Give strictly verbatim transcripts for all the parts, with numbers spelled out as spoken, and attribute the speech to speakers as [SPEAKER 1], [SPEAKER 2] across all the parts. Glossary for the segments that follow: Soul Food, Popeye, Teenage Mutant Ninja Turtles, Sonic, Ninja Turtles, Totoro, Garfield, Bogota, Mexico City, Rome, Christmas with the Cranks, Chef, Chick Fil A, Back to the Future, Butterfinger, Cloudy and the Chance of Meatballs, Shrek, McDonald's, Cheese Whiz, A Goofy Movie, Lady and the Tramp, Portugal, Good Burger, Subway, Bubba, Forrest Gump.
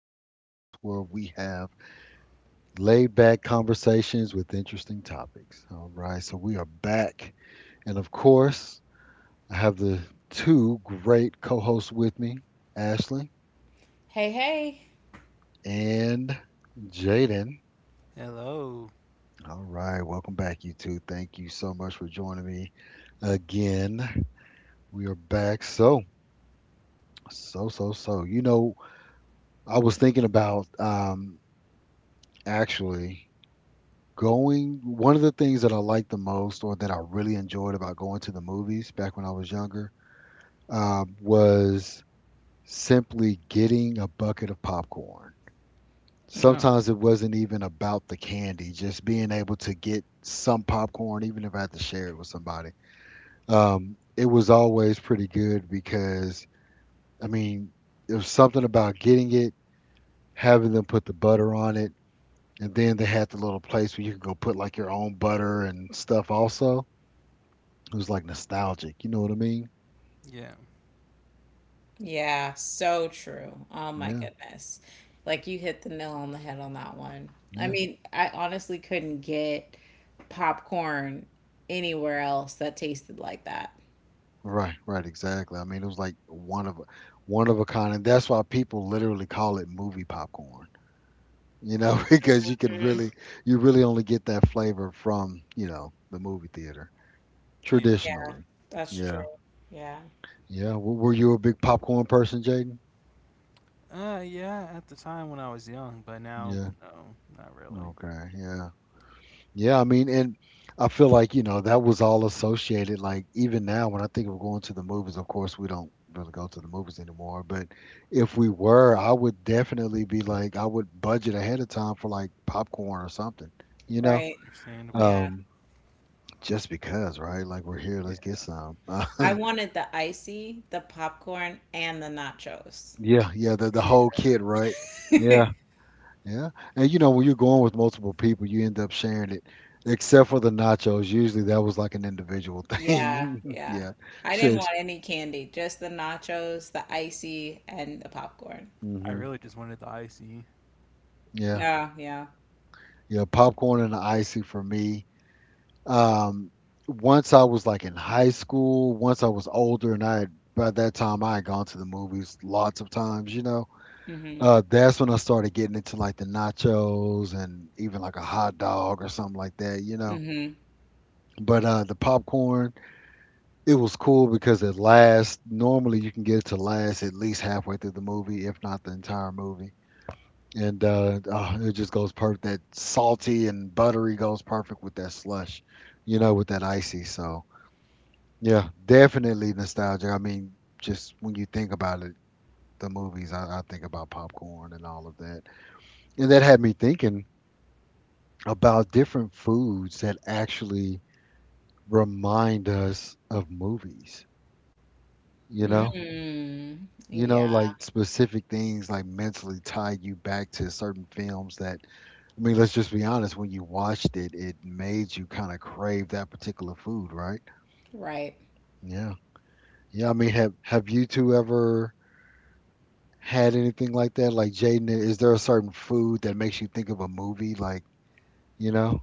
[SPEAKER 1] podcast where we have laid back conversations with interesting topics. All right, so we are back. And of course, I have the two great co hosts with me, Ashley
[SPEAKER 2] Hey, hey.
[SPEAKER 1] and Jaden.
[SPEAKER 3] Hello.
[SPEAKER 1] All right, welcome back, you two. Thank you so much for joining me again. We are back. So, so, so, so, you know, I was thinking about um, actually Going one of the things that I liked the most or that I really enjoyed about going to the movies back when I was younger uh, was simply getting a bucket of popcorn.
[SPEAKER 2] Mm,
[SPEAKER 3] Oh,
[SPEAKER 1] Sometimes it wasn't even about the candy, just being able to get some popcorn, even if I had to share it with somebody. Um, it was always pretty good because, I mean, it was something about getting it, having them put the butter on it, and then they had the little place where you could go put like your own butter and stuff also. It was like nostalgic, you know what I mean?
[SPEAKER 3] yeah,
[SPEAKER 2] yeah, so true. Oh my
[SPEAKER 1] Yeah,
[SPEAKER 2] goodness. Like you hit the nail on the head on that one. I
[SPEAKER 1] yeah.
[SPEAKER 2] mean, I honestly couldn't get popcorn anywhere else that tasted like that.
[SPEAKER 1] Right, right, exactly. I mean, it was like one of a one of a kind, and that's why people literally call it movie popcorn, you know, because you can
[SPEAKER 2] Mm,
[SPEAKER 1] really you really only get that flavor from, you know, the movie theater
[SPEAKER 3] yeah.
[SPEAKER 2] yeah,
[SPEAKER 1] traditionally.
[SPEAKER 2] that's true.
[SPEAKER 1] Yeah.
[SPEAKER 2] Yeah,
[SPEAKER 1] Yeah, w- were you a big popcorn person, Jaden?
[SPEAKER 3] Uh, yeah, at the time when I was young, but
[SPEAKER 1] Yeah.
[SPEAKER 3] now, no, not really.
[SPEAKER 1] Okay. Yeah. Yeah, I mean, and I feel like, you know, that was all associated. Like, even now, when I think of going to the movies, of course, we don't really go to the movies anymore. But if we were, I would definitely be like, I would budget ahead of time for like popcorn or something, you know?
[SPEAKER 2] right. Yeah.
[SPEAKER 3] Understandable.
[SPEAKER 1] Um, just because, right? Like, we're here, let's get
[SPEAKER 3] Yeah.
[SPEAKER 1] some.
[SPEAKER 2] I wanted the icy, the popcorn, and the nachos.
[SPEAKER 1] Yeah, yeah, the, the whole
[SPEAKER 3] Yeah.
[SPEAKER 1] kit, right? Yeah. Yeah. And you know, when you're going with multiple people, you end up sharing it, except for the nachos. Usually that was like an individual
[SPEAKER 2] Yeah,
[SPEAKER 1] thing.
[SPEAKER 2] yeah.
[SPEAKER 1] Yeah.
[SPEAKER 2] I didn't
[SPEAKER 1] Shush.
[SPEAKER 2] want any candy, just the nachos, the icy, and the popcorn.
[SPEAKER 1] Hmm.
[SPEAKER 3] I really just wanted the icy.
[SPEAKER 1] Yeah.
[SPEAKER 2] Yeah, yeah.
[SPEAKER 1] Yeah. Popcorn and the icy for me. Um, Once I was like in high school, once I was older and I had, by that time I had gone to the movies lots of times, you know.
[SPEAKER 2] Mm-hmm.
[SPEAKER 1] Uh, that's when I started getting into like the nachos and even like a hot dog or something like that, you know.
[SPEAKER 2] Mm-hmm.
[SPEAKER 1] But uh, the popcorn, it was cool because it lasts. Normally, you can get it to last at least halfway through the movie, if not the entire movie. And uh, oh, it just goes perfect. That salty and buttery goes perfect with that slush, you know, with that icy. So yeah, definitely nostalgic. I mean, just when you think about it, the movies, I, I think about popcorn and all of that, and that had me thinking about different foods that actually remind us of movies. You know
[SPEAKER 3] Hmm.
[SPEAKER 2] Mm.
[SPEAKER 1] you know,
[SPEAKER 2] Yeah.
[SPEAKER 1] like specific things like mentally tie you back to certain films that, I mean, let's just be honest, when you watched it, it made you kind of crave that particular food, right?
[SPEAKER 2] Right.
[SPEAKER 1] Yeah. Yeah, I mean, have have you two ever had anything like that? Like Jaden, is there a certain food that makes you think of a movie? Like, you know?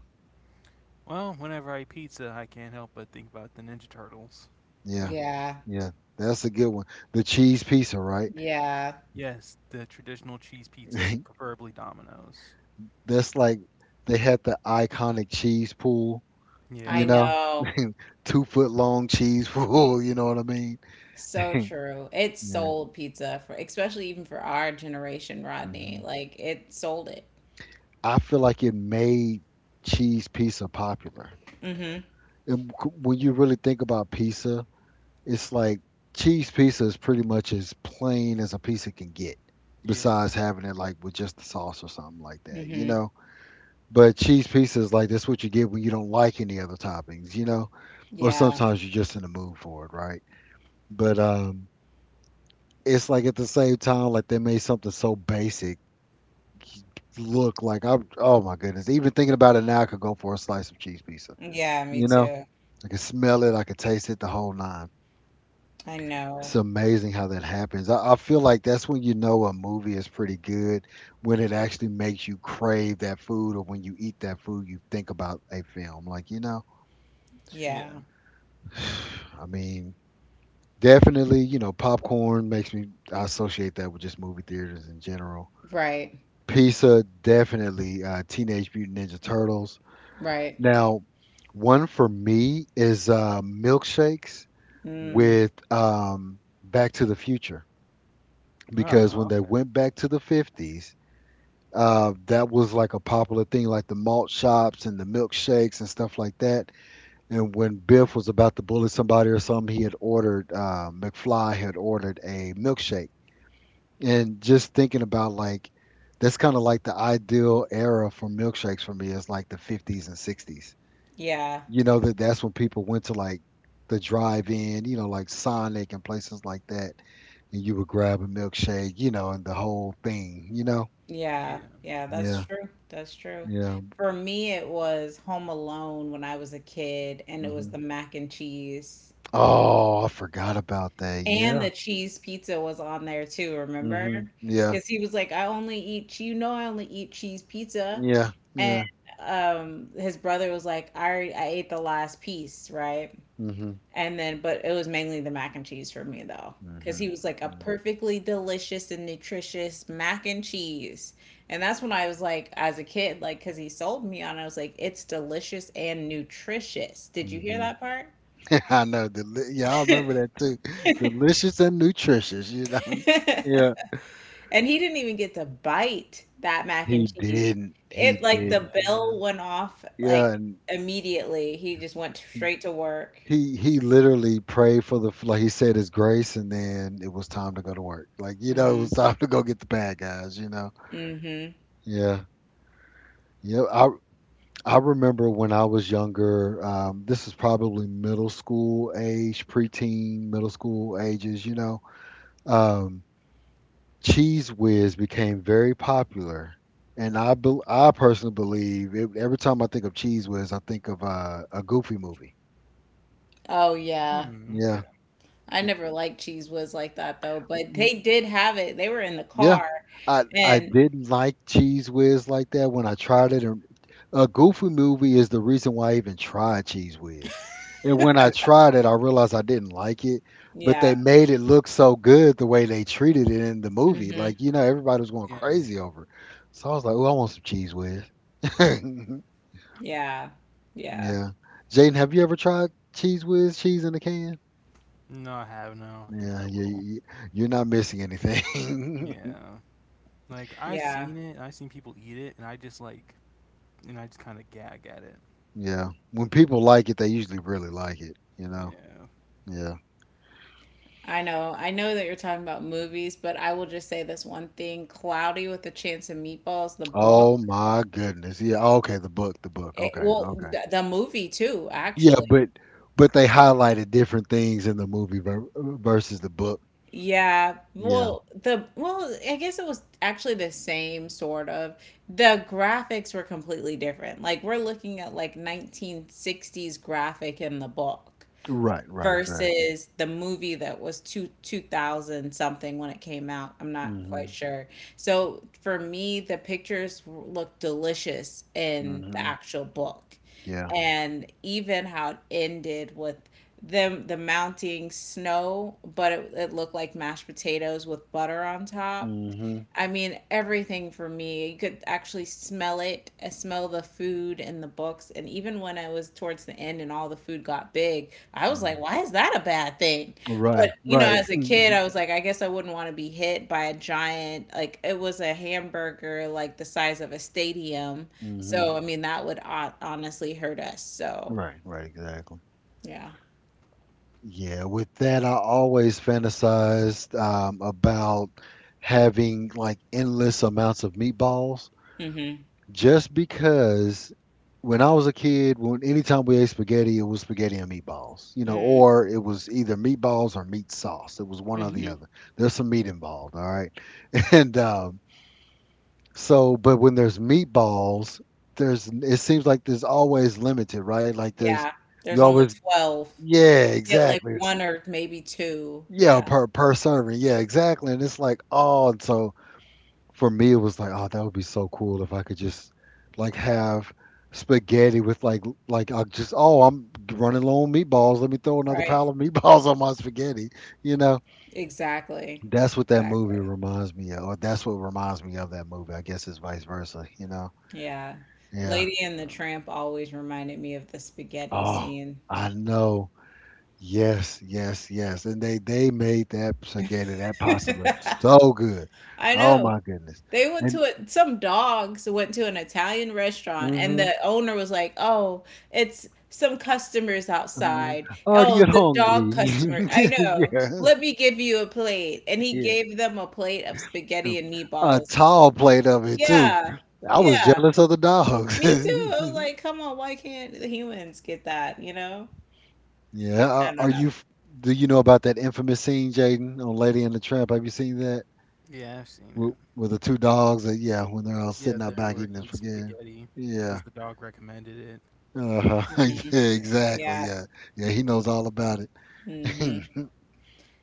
[SPEAKER 3] Well, whenever I eat pizza, I can't help but think about the Ninja Turtles.
[SPEAKER 1] Yeah.
[SPEAKER 2] Yeah.
[SPEAKER 1] Yeah. That's a good one. The cheese pizza, right?
[SPEAKER 2] Yeah.
[SPEAKER 3] Yes, the traditional cheese pizza, preferably Domino's.
[SPEAKER 1] That's like they had the iconic cheese pool, you
[SPEAKER 2] I
[SPEAKER 3] Yeah.
[SPEAKER 1] know,
[SPEAKER 2] know.
[SPEAKER 1] two foot long cheese fool. You know what I mean?
[SPEAKER 2] So true. It
[SPEAKER 1] Yeah.
[SPEAKER 2] sold pizza for, especially even for our generation, Rodney.
[SPEAKER 1] Hmm.
[SPEAKER 2] Like it sold it.
[SPEAKER 1] I feel like it made cheese pizza popular.
[SPEAKER 2] Mm-hmm.
[SPEAKER 1] And c- when you really think about pizza, it's like cheese pizza is pretty much as plain as a pizza can get,
[SPEAKER 3] Yeah.
[SPEAKER 1] besides having it like with just the sauce or something like that, you
[SPEAKER 2] Mm-hmm.
[SPEAKER 1] know? But cheese pizza is like that's what you get when you don't like any other toppings, you know? Or
[SPEAKER 2] Yeah.
[SPEAKER 1] sometimes you're just in the mood for it, right? But um, it's like at the same time, like they made something so basic look like I'm. Oh my goodness! Even thinking about it now, I could go for a slice of cheese pizza.
[SPEAKER 2] Yeah, me
[SPEAKER 1] You know,
[SPEAKER 2] too.
[SPEAKER 1] I can smell it, I can taste it, the whole nine.
[SPEAKER 2] I
[SPEAKER 1] It's
[SPEAKER 2] know.
[SPEAKER 1] amazing how that happens. I, I feel like that's when you know a movie is pretty good when it actually makes you crave that food, or when you eat that food, you think about a film. Like you know,
[SPEAKER 2] Yeah.
[SPEAKER 3] Yeah.
[SPEAKER 1] I mean, definitely, you know, popcorn makes me. I associate that with just movie theaters in general.
[SPEAKER 2] Right.
[SPEAKER 1] Pizza, definitely. Uh, Teenage Mutant Ninja Turtles.
[SPEAKER 2] Right.
[SPEAKER 1] Now, one for me is uh, milkshakes
[SPEAKER 2] Mm.
[SPEAKER 1] with um, Back to the Future because when
[SPEAKER 3] Oh,
[SPEAKER 1] they
[SPEAKER 3] okay.
[SPEAKER 1] went back to the fifties, uh, that was like a popular thing, like the malt shops and the milkshakes and stuff like that. And when Biff was about to bully somebody or something, he had ordered, uh, McFly had ordered a milkshake. And just thinking about like that's kind of like the ideal era for milkshakes for me is like the fifties and sixties.
[SPEAKER 2] Yeah.
[SPEAKER 1] You know that that's when people went to like the drive-in, you know, like Sonic and places like that, and you would grab a milkshake, you know, and the whole thing, you know.
[SPEAKER 2] Yeah.
[SPEAKER 3] Yeah.
[SPEAKER 2] Yeah, that's
[SPEAKER 1] Yeah,
[SPEAKER 2] true. That's true.
[SPEAKER 1] yeah.
[SPEAKER 2] For me, it was Home Alone when I was a kid, and it was
[SPEAKER 1] Hmm.
[SPEAKER 2] the mac and cheese.
[SPEAKER 1] Oh, I forgot about that.
[SPEAKER 2] And
[SPEAKER 1] Yeah.
[SPEAKER 2] the cheese pizza was on there too, remember?
[SPEAKER 1] Hmm. Yeah.
[SPEAKER 2] Because he was like, I only eat, che- you know, I only eat cheese pizza.
[SPEAKER 1] Yeah.
[SPEAKER 2] And
[SPEAKER 1] Yeah.
[SPEAKER 2] um, his brother was like, I, already- I ate the last piece, right?
[SPEAKER 1] Hmm.
[SPEAKER 2] And then, but it was mainly the mac and cheese for me though. Because he
[SPEAKER 1] Hmm.
[SPEAKER 2] was like, a perfectly delicious and nutritious mac and cheese. And that's when I was like, as a kid, like, because he sold me on it, I was like, it's delicious and nutritious. Did you hear
[SPEAKER 1] Hmm.
[SPEAKER 2] that
[SPEAKER 1] I know. Deli- yeah, I remember that too. Delicious and nutritious, you know.
[SPEAKER 2] part?
[SPEAKER 1] Yeah,
[SPEAKER 2] And he didn't even get to bite that mac and
[SPEAKER 1] he
[SPEAKER 2] cheese.
[SPEAKER 1] didn't. He
[SPEAKER 2] It like the
[SPEAKER 1] didn't.
[SPEAKER 3] Uh,
[SPEAKER 2] bell
[SPEAKER 3] yeah.
[SPEAKER 2] went off
[SPEAKER 1] Yeah,
[SPEAKER 2] like
[SPEAKER 1] and
[SPEAKER 2] immediately. He just went straight to work.
[SPEAKER 1] he he literally prayed for the f- like he said his grace, and then it was time to go to work. Like you know, it
[SPEAKER 2] Hmm.
[SPEAKER 1] was time to go get the bad guys. You know.
[SPEAKER 2] Hmm.
[SPEAKER 1] Yeah. Yeah. I I remember when I was younger. Um, this is probably middle school age, preteen, middle school ages. You know. Um, Cheese Whiz became very popular, and I bel I personally believe it, every time I think of Cheese Whiz, I think of uh, a Goofy movie.
[SPEAKER 2] Oh yeah.
[SPEAKER 3] Hmm,
[SPEAKER 1] Yeah,
[SPEAKER 3] okay.
[SPEAKER 2] I
[SPEAKER 1] y-
[SPEAKER 2] never liked cheese whiz like that though, but
[SPEAKER 1] m-
[SPEAKER 2] they did have it. They were in the
[SPEAKER 1] yeah.
[SPEAKER 2] car.
[SPEAKER 1] I I
[SPEAKER 2] And
[SPEAKER 1] didn't like Cheese Whiz like that when I tried it. And a Goofy movie is the reason why I even tried Cheese Whiz. And when I tried it, I realized I didn't like it. But
[SPEAKER 2] yeah.
[SPEAKER 1] they made it look so good the way they treated it in the movie.
[SPEAKER 2] Hmm.
[SPEAKER 1] Like you know, everybody was going
[SPEAKER 3] Yeah.
[SPEAKER 1] crazy over it. So I was like, "Oh, I want some Cheese Whiz."
[SPEAKER 2] Yeah. Yeah.
[SPEAKER 1] Yeah. Jaden, have you ever tried cheese whiz, cheese in a can?
[SPEAKER 3] No, I haven't. I don't think
[SPEAKER 1] Yeah,
[SPEAKER 3] I
[SPEAKER 1] yeah,
[SPEAKER 3] will.
[SPEAKER 1] you, you're not missing anything.
[SPEAKER 3] Yeah. Like I
[SPEAKER 2] Yeah.
[SPEAKER 3] seen it, and I seen people eat it, and I just like, and I just kind of gag at it.
[SPEAKER 1] Yeah. When people like it, they usually really like it, you know?
[SPEAKER 3] Yeah,
[SPEAKER 1] Yeah.
[SPEAKER 2] I know. I know that you're talking about movies, but I will just say this one thing, Cloudy with a Chance of Meatballs, the book.
[SPEAKER 1] Oh my goodness. Yeah, okay, the book, the book.
[SPEAKER 2] It,
[SPEAKER 1] Okay,
[SPEAKER 2] well,
[SPEAKER 1] okay.
[SPEAKER 2] the, the movie too,
[SPEAKER 1] Yeah,
[SPEAKER 2] actually.
[SPEAKER 1] but but they highlighted different things in the movie ver versus the book.
[SPEAKER 2] Yeah.
[SPEAKER 1] Yeah.
[SPEAKER 2] Well, the well, I guess it was actually the same sort of. The graphics were completely different. Like we're looking at like nineteen sixties graphic in the book
[SPEAKER 1] Right, right, exactly.
[SPEAKER 2] versus the movie that was two two thousand something when it came out. I'm not quite
[SPEAKER 1] Hmm.
[SPEAKER 2] sure. So for me, the pictures look delicious in the
[SPEAKER 1] Hmm.
[SPEAKER 2] actual book,
[SPEAKER 1] Yeah.
[SPEAKER 2] and even how it ended with them the mounting snow, but it, it looked like mashed potatoes with butter on top.
[SPEAKER 1] Hmm.
[SPEAKER 2] I mean, everything for me. You could actually smell it. I smell the food and the books. And even when I was towards the end and all the food got big, I was like,
[SPEAKER 1] Hmm.
[SPEAKER 2] why is that a bad thing? But,
[SPEAKER 1] Right,
[SPEAKER 2] you know,
[SPEAKER 1] right.
[SPEAKER 2] as a
[SPEAKER 1] Hmm.
[SPEAKER 2] kid, I was like, I guess I wouldn't want to be hit by a giant, like, it was a hamburger, like the size of a stadium. So, I mean, that would o- honestly hurt us. So,
[SPEAKER 1] Right, right, exactly.
[SPEAKER 2] yeah.
[SPEAKER 1] Yeah, with that, I always fantasized um, about having like endless amounts of meatballs
[SPEAKER 2] Mm
[SPEAKER 1] just because when I was a kid, when anytime we ate spaghetti, it was spaghetti and meatballs, you know,
[SPEAKER 2] hmm.
[SPEAKER 1] or it was either meatballs or meat sauce. It was one or
[SPEAKER 2] Mm
[SPEAKER 1] the
[SPEAKER 2] hmm.
[SPEAKER 1] other. There's some meat involved, all right? And um, so, but when there's meatballs, there's it seems like there's always limited, right? Like there's
[SPEAKER 2] Yeah.
[SPEAKER 1] you
[SPEAKER 2] There's only
[SPEAKER 1] always,
[SPEAKER 2] twelve.
[SPEAKER 1] yeah,
[SPEAKER 2] Yeah, like
[SPEAKER 1] exactly.
[SPEAKER 2] one or maybe two.
[SPEAKER 1] Yeah,
[SPEAKER 2] Yeah.
[SPEAKER 1] per per serving. Yeah, exactly. And it's like, oh, and so for me, it was like, oh, that would be so cool if I could just like have spaghetti with like like I just oh, I'm running low on meatballs. Let me throw another
[SPEAKER 2] Right.
[SPEAKER 1] pile of meatballs on my spaghetti. You know,
[SPEAKER 2] Exactly.
[SPEAKER 1] that's what that movie
[SPEAKER 2] Exactly.
[SPEAKER 1] reminds me of, or that's what reminds me of that movie. I guess it's vice versa. You know,
[SPEAKER 2] Yeah.
[SPEAKER 1] yeah.
[SPEAKER 2] Lady and the
[SPEAKER 3] yeah,
[SPEAKER 2] Tramp always reminded me of the spaghetti
[SPEAKER 1] Oh,
[SPEAKER 2] scene.
[SPEAKER 1] I know. Yes, yes, yes. And they they made that spaghetti, that pasta look so good.
[SPEAKER 2] I
[SPEAKER 1] Oh
[SPEAKER 2] know.
[SPEAKER 1] my goodness.
[SPEAKER 2] They went to a, some dogs went to an Italian restaurant and the
[SPEAKER 1] Mhm,
[SPEAKER 2] owner was like, "Oh, it's some customers
[SPEAKER 1] mhm.
[SPEAKER 2] outside.
[SPEAKER 1] Are
[SPEAKER 2] Oh,
[SPEAKER 1] you
[SPEAKER 2] the dog
[SPEAKER 1] hungry?
[SPEAKER 2] customer. I know.
[SPEAKER 1] Yeah,
[SPEAKER 2] Let me give you a plate." And he
[SPEAKER 1] yeah.
[SPEAKER 2] gave them a plate of spaghetti and
[SPEAKER 1] A
[SPEAKER 2] meatballs.
[SPEAKER 1] tall plate of it too.
[SPEAKER 2] Yeah.
[SPEAKER 1] I was
[SPEAKER 2] Yeah.
[SPEAKER 1] jealous of the dogs.
[SPEAKER 2] Me too. I was like, "Come on, why can't the humans get that, you know?"
[SPEAKER 1] Yeah, are,
[SPEAKER 2] I
[SPEAKER 1] are
[SPEAKER 2] don't know.
[SPEAKER 1] you? f- Do you know about that infamous scene, Jaden, on Lady and the Tramp? Have you seen that
[SPEAKER 3] yeah. I've seen
[SPEAKER 1] with,
[SPEAKER 3] it.
[SPEAKER 1] with the two dogs? That, yeah, when they're all sitting
[SPEAKER 3] Yeah,
[SPEAKER 1] out
[SPEAKER 3] they
[SPEAKER 1] back eating
[SPEAKER 3] were
[SPEAKER 1] this
[SPEAKER 3] eating
[SPEAKER 1] spaghetti.
[SPEAKER 3] spaghetti
[SPEAKER 1] Yeah.
[SPEAKER 3] because the dog recommended it.
[SPEAKER 1] Uh-huh.
[SPEAKER 2] Hmm.
[SPEAKER 1] Yeah,
[SPEAKER 3] Yeah,
[SPEAKER 1] exactly.
[SPEAKER 2] Yeah.
[SPEAKER 1] Yeah. Yeah, he knows all about it.
[SPEAKER 2] Hmm.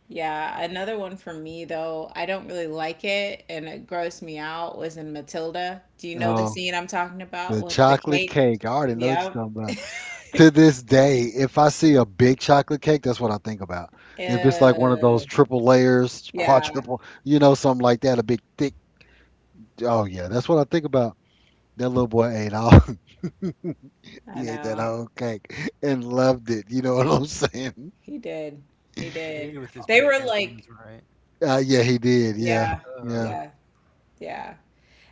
[SPEAKER 2] Yeah. Another one for me though, I don't really like it and it grossed me out was in Matilda. Do you know the
[SPEAKER 1] Oh,
[SPEAKER 2] scene I'm talking about
[SPEAKER 1] the
[SPEAKER 2] with the
[SPEAKER 1] chocolate
[SPEAKER 2] cake?
[SPEAKER 1] cake. I already know what
[SPEAKER 2] Yep.
[SPEAKER 1] you're talking to this day, if I see a big chocolate cake, that's what I think about. If it's like one of those
[SPEAKER 2] Uh,
[SPEAKER 1] triple layers,
[SPEAKER 2] yeah,
[SPEAKER 1] quadruple, you know, something like that, a big thick. Oh yeah, that's what I think about. That little boy ate all.
[SPEAKER 2] I
[SPEAKER 1] He ate that
[SPEAKER 2] know.
[SPEAKER 1] whole cake and loved it. You know what I'm saying?
[SPEAKER 2] He did. He
[SPEAKER 3] he
[SPEAKER 2] did.
[SPEAKER 3] ate it with his
[SPEAKER 2] They were
[SPEAKER 3] bare hands,
[SPEAKER 2] like,
[SPEAKER 3] right?
[SPEAKER 1] Uh, yeah, he did. Yeah,
[SPEAKER 2] yeah,
[SPEAKER 1] yeah.
[SPEAKER 3] Uh,
[SPEAKER 2] yeah, yeah.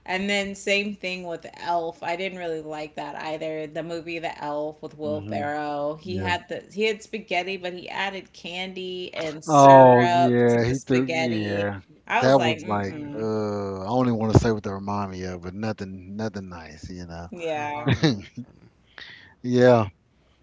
[SPEAKER 2] And then same thing with Elf. I didn't really like that either. The movie The Elf with Will
[SPEAKER 1] Hmm.
[SPEAKER 2] Ferrell. He
[SPEAKER 1] Yeah.
[SPEAKER 2] had the he had spaghetti, but he added candy and
[SPEAKER 3] mm,
[SPEAKER 1] Oh
[SPEAKER 2] syrup to
[SPEAKER 1] yeah,
[SPEAKER 2] the
[SPEAKER 1] he threw.
[SPEAKER 2] spaghetti.
[SPEAKER 1] Yeah,
[SPEAKER 2] I was
[SPEAKER 1] that
[SPEAKER 2] like,
[SPEAKER 1] was like.
[SPEAKER 3] mm,
[SPEAKER 2] mm-mm.
[SPEAKER 1] Uh, I only want to say what that remind me of, but nothing, nothing nice. You know.
[SPEAKER 3] an
[SPEAKER 2] Yeah.
[SPEAKER 3] abomination.
[SPEAKER 1] Yeah.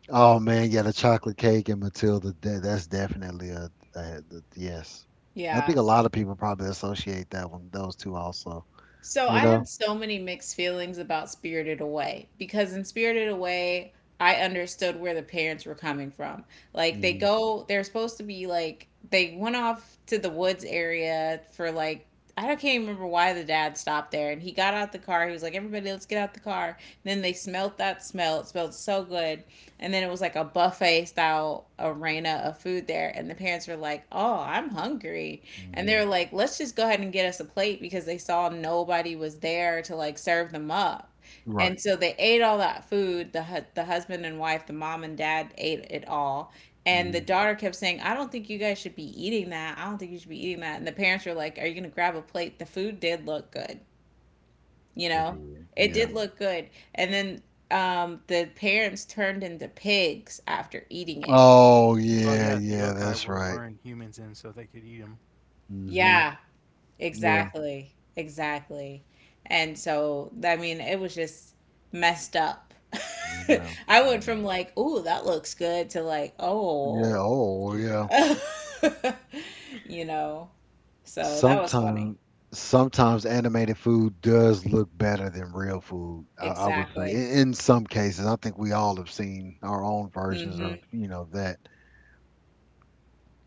[SPEAKER 1] Oh man, yeah, the chocolate cake and Matilda. That, that's definitely a, a, the- yes. I think
[SPEAKER 2] Yeah.
[SPEAKER 1] a lot of people probably associate that one, those two also.
[SPEAKER 2] So
[SPEAKER 1] You
[SPEAKER 2] I
[SPEAKER 1] know.
[SPEAKER 2] had so many mixed feelings about Spirited Away because in Spirited Away, I understood where the parents were coming from. Like they
[SPEAKER 1] Hmm.
[SPEAKER 2] go, they're supposed to be like they went off to the woods area for like I don't- can't even remember why the dad stopped there and he got out the car. He was like, "Everybody, let's get out the car." Then they smelt that smell. It smelled so good. And then it was like a buffet style arena of food there and the parents were like, "Oh, I'm hungry." And
[SPEAKER 1] Hmm.
[SPEAKER 2] they're like, let's just go ahead and get us a plate because they saw nobody was there to like serve them up.
[SPEAKER 1] Right.
[SPEAKER 2] And so they ate all that food. The hu- the husband and wife, the mom and dad ate it all. And
[SPEAKER 1] Hmm.
[SPEAKER 2] the daughter kept saying, "I don't think you guys should be eating that. I don't think you should be eating that." And the parents were like, "Are you going to grab a plate? The food did look good, you
[SPEAKER 1] It
[SPEAKER 2] know.
[SPEAKER 1] did.
[SPEAKER 2] It
[SPEAKER 1] Yeah.
[SPEAKER 2] did look good." And then um, the parents turned into pigs after eating it.
[SPEAKER 1] Oh
[SPEAKER 3] Oh
[SPEAKER 1] yeah,
[SPEAKER 3] yeah, the
[SPEAKER 1] yeah.
[SPEAKER 3] yokai
[SPEAKER 1] That's
[SPEAKER 3] were
[SPEAKER 1] right.
[SPEAKER 3] luring humans in so they could eat them.
[SPEAKER 1] Hmm.
[SPEAKER 2] Yeah,
[SPEAKER 1] Yeah.
[SPEAKER 2] exactly. Exactly. And so, I mean, it was just messed up.
[SPEAKER 1] I know.
[SPEAKER 2] I
[SPEAKER 1] I
[SPEAKER 2] went from
[SPEAKER 1] know.
[SPEAKER 2] like, "Ooh, that looks good," to like,
[SPEAKER 1] Yeah.
[SPEAKER 2] "Oh."
[SPEAKER 1] Oh
[SPEAKER 3] Yeah.
[SPEAKER 1] yeah.
[SPEAKER 2] You know. So, that was funny.
[SPEAKER 1] sometimes sometimes animated food does look better than real food. I, I would say
[SPEAKER 2] Exactly.
[SPEAKER 1] in, in some cases, I think we all have seen our own versions
[SPEAKER 2] Hmm.
[SPEAKER 1] of you know that.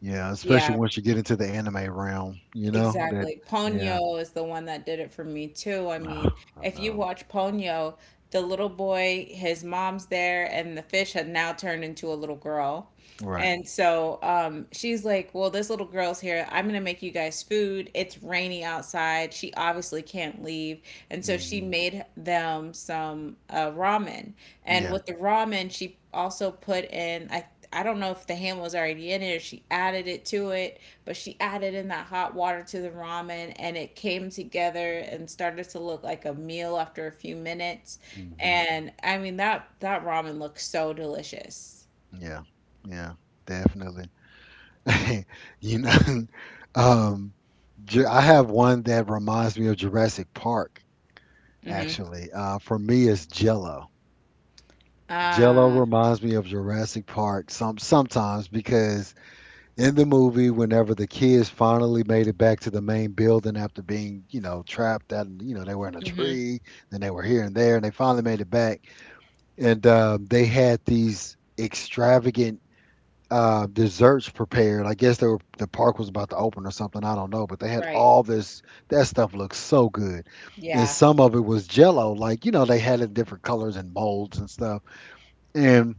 [SPEAKER 1] Yeah, especially
[SPEAKER 2] Yeah,
[SPEAKER 1] once you get into the anime realm, you know that.
[SPEAKER 2] exactly.
[SPEAKER 1] Yeah,
[SPEAKER 2] Ponyo is the one that did it for me too. I mean,
[SPEAKER 1] I
[SPEAKER 2] if you
[SPEAKER 1] know.
[SPEAKER 2] watch Ponyo, the little boy, his mom's there, and the fish had now turned into a little girl.
[SPEAKER 1] Right.
[SPEAKER 2] And so um, she's like, well, this little girl's here. I'm going to make you guys food. It's rainy outside. She obviously can't leave. And so she
[SPEAKER 1] Hmm.
[SPEAKER 2] made them some uh, ramen. And
[SPEAKER 1] Yeah.
[SPEAKER 2] with the ramen, she also put in, I, I don't know if the ham was already in it or she added it to it, but she added in that hot water to the ramen and it came together and started to look like a meal after a few minutes.
[SPEAKER 1] Hmm.
[SPEAKER 2] And I mean, that, that ramen looks so delicious.
[SPEAKER 1] Yeah. Yeah. Definitely. you know, um, Ju- I have one that reminds me of Jurassic Park.
[SPEAKER 2] Hmm.
[SPEAKER 1] Actually, uh, for me, it's Jello. Jello
[SPEAKER 2] Ah,
[SPEAKER 1] reminds me of Jurassic Park some sometimes because in the movie, whenever the kids finally made it back to the main building after being, you know, trapped at, you know, they were in a
[SPEAKER 2] hmm.
[SPEAKER 1] tree, then they were here and there, and they finally made it back, and um, they had these extravagant uh, desserts prepared. I guess they were the park was about to open or something. I don't know, but they had
[SPEAKER 2] Right.
[SPEAKER 1] all this. That stuff looked so good. And
[SPEAKER 2] Yeah.
[SPEAKER 1] some of it was jello, like, you know, they had it in different colors and molds and stuff. And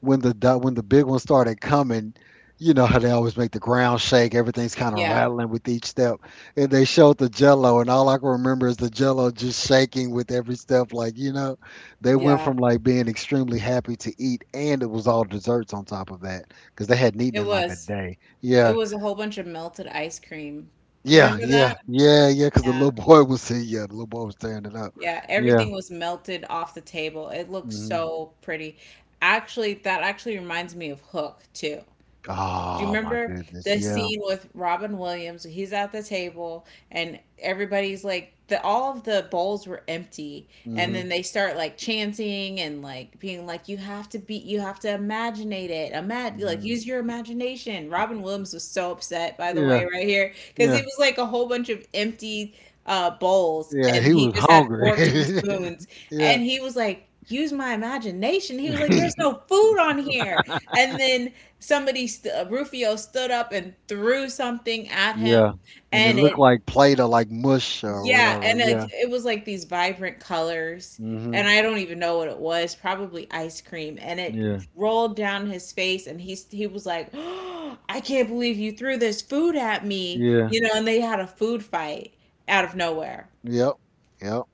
[SPEAKER 1] when the du- when the big ones started coming, you know how they always make the ground shake. Everything's kind of
[SPEAKER 2] Yeah.
[SPEAKER 1] rattling with each step, and they showed the Jello, and all I can remember is the Jello just shaking with every step. Like you know, they went
[SPEAKER 2] Yeah.
[SPEAKER 1] from like being extremely happy to eat, and it was all desserts on top of that because they hadn't
[SPEAKER 2] It
[SPEAKER 1] eaten in like a
[SPEAKER 2] was.
[SPEAKER 1] day.
[SPEAKER 2] It
[SPEAKER 1] Yeah,
[SPEAKER 2] was a whole bunch of melted ice cream. Do you
[SPEAKER 1] yeah,
[SPEAKER 2] remember
[SPEAKER 1] yeah,
[SPEAKER 2] that?
[SPEAKER 1] yeah, yeah. Because the
[SPEAKER 2] Yeah.
[SPEAKER 1] little boy was see, yeah, the little boy was tearing it up.
[SPEAKER 2] Yeah.
[SPEAKER 1] Yeah.
[SPEAKER 2] Everything was melted off the table. It looked
[SPEAKER 1] Hmm.
[SPEAKER 2] so pretty. Actually, that actually reminds me of Hook too. Do you
[SPEAKER 1] Oh my
[SPEAKER 2] remember
[SPEAKER 1] goodness.
[SPEAKER 2] the
[SPEAKER 1] Yeah.
[SPEAKER 2] scene with Robin Williams? He's at the table and everybody's like the all of the bowls were empty and
[SPEAKER 1] Hmm.
[SPEAKER 2] then they start like chanting and like being like you have to be you have to imagine it. Imag- like
[SPEAKER 1] Hmm.
[SPEAKER 2] use your imagination. Robin Williams was so upset by the
[SPEAKER 1] Yeah.
[SPEAKER 2] way right here cuz
[SPEAKER 1] Yeah.
[SPEAKER 2] it was like a whole bunch of empty uh bowls
[SPEAKER 1] Yeah,
[SPEAKER 2] and
[SPEAKER 1] he
[SPEAKER 2] he
[SPEAKER 1] was
[SPEAKER 2] just had
[SPEAKER 1] hungry.
[SPEAKER 2] forks and spoons
[SPEAKER 1] yeah.
[SPEAKER 2] and he was like use my imagination. He was like there's no food on here. And then somebody st- uh, Rufio stood up and threw something at him,
[SPEAKER 1] yeah. And it
[SPEAKER 2] and
[SPEAKER 1] looked
[SPEAKER 2] it
[SPEAKER 1] like plate or like mush or
[SPEAKER 2] yeah,
[SPEAKER 1] whatever.
[SPEAKER 2] and it,
[SPEAKER 1] Yeah.
[SPEAKER 2] it was like these vibrant colors, and
[SPEAKER 1] Hmm.
[SPEAKER 2] I don't even know what it was, probably ice cream, and it
[SPEAKER 1] Yeah.
[SPEAKER 2] rolled down his face, and he he was like, "Oh, I can't believe you threw this food at me,
[SPEAKER 1] Yeah.
[SPEAKER 2] you know, and they had a food fight out of nowhere.
[SPEAKER 1] Yep. Yep.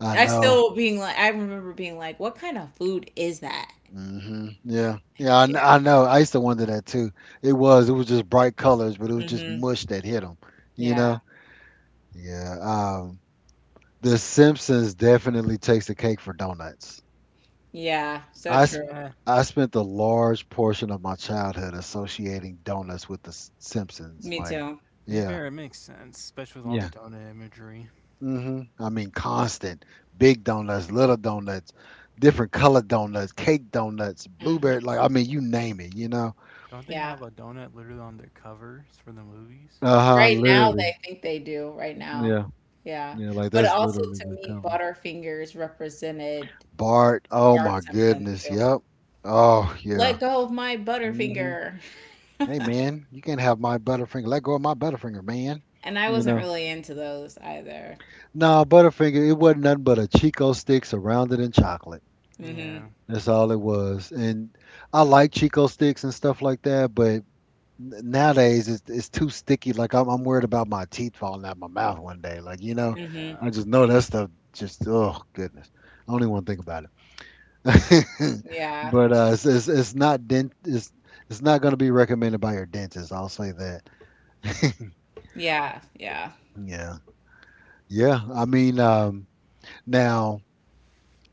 [SPEAKER 1] I
[SPEAKER 2] I
[SPEAKER 1] know.
[SPEAKER 2] still being like, I remember being like, what kind of food is that?
[SPEAKER 1] Hmm. Yeah. Yeah, I, kn-
[SPEAKER 2] Yeah.
[SPEAKER 1] I know. I used to wonder that too. It was. It was just bright colors, but it was just
[SPEAKER 2] Mm-hmm.
[SPEAKER 1] mush that hit them. You
[SPEAKER 2] Yeah.
[SPEAKER 1] know. Yeah. Um. The Simpsons definitely takes the cake for donuts.
[SPEAKER 2] Yeah. So
[SPEAKER 1] I s-
[SPEAKER 2] true.
[SPEAKER 3] Eh, to
[SPEAKER 1] I spent a large portion of my childhood associating donuts with the S- Simpsons.
[SPEAKER 2] Me
[SPEAKER 1] Like,
[SPEAKER 2] too.
[SPEAKER 3] be
[SPEAKER 1] yeah,
[SPEAKER 3] fair, it makes sense, especially with all the
[SPEAKER 1] yeah.
[SPEAKER 3] donut imagery.
[SPEAKER 1] Hmm. I mean, constant big donuts, little donuts, different colored donuts, cake donuts,
[SPEAKER 2] Hmm.
[SPEAKER 1] blueberry. Like, I mean, you name it. You know.
[SPEAKER 3] Don't they
[SPEAKER 2] Yeah.
[SPEAKER 3] have a donut literally on their covers for the movies?
[SPEAKER 1] Uh huh.
[SPEAKER 2] Right now,
[SPEAKER 1] Literally.
[SPEAKER 2] they think they do, right now.
[SPEAKER 1] Yeah.
[SPEAKER 2] Yeah.
[SPEAKER 1] Yeah. Like
[SPEAKER 2] But
[SPEAKER 1] that's
[SPEAKER 2] also
[SPEAKER 1] literally
[SPEAKER 2] to
[SPEAKER 1] the
[SPEAKER 2] me,
[SPEAKER 1] cover.
[SPEAKER 2] Butterfingers represented
[SPEAKER 1] Bart. Oh
[SPEAKER 2] Bart
[SPEAKER 1] my
[SPEAKER 2] Simpson
[SPEAKER 1] goodness.
[SPEAKER 2] too.
[SPEAKER 1] Yep. Oh yeah.
[SPEAKER 2] Let go of my
[SPEAKER 1] Hmm.
[SPEAKER 2] Butterfinger.
[SPEAKER 1] Hey man, you can't have my Butterfinger. Let go of my Butterfinger, man.
[SPEAKER 2] And I
[SPEAKER 1] You
[SPEAKER 2] wasn't
[SPEAKER 1] know.
[SPEAKER 2] really into those either.
[SPEAKER 1] Nah, Butterfinger, it wasn't nothing but a Chico stick surrounded in chocolate.
[SPEAKER 2] Mm-hmm.
[SPEAKER 3] Yeah.
[SPEAKER 1] That's all it was. And I like Chico sticks and stuff like that, but n- nowadays it's it's too sticky. Like I'm I'm worried about my teeth falling out my mouth one day. Like you know,
[SPEAKER 2] Mm-hmm.
[SPEAKER 3] Yeah.
[SPEAKER 1] I just know that stuff. Just oh goodness, I don't even want to think about it.
[SPEAKER 2] Yeah.
[SPEAKER 1] But uh, it's, it's it's not dent. It's it's not going to be recommended by your dentist. I'll say that.
[SPEAKER 2] Yeah. Yeah.
[SPEAKER 1] Yeah, yeah. I mean, um, now.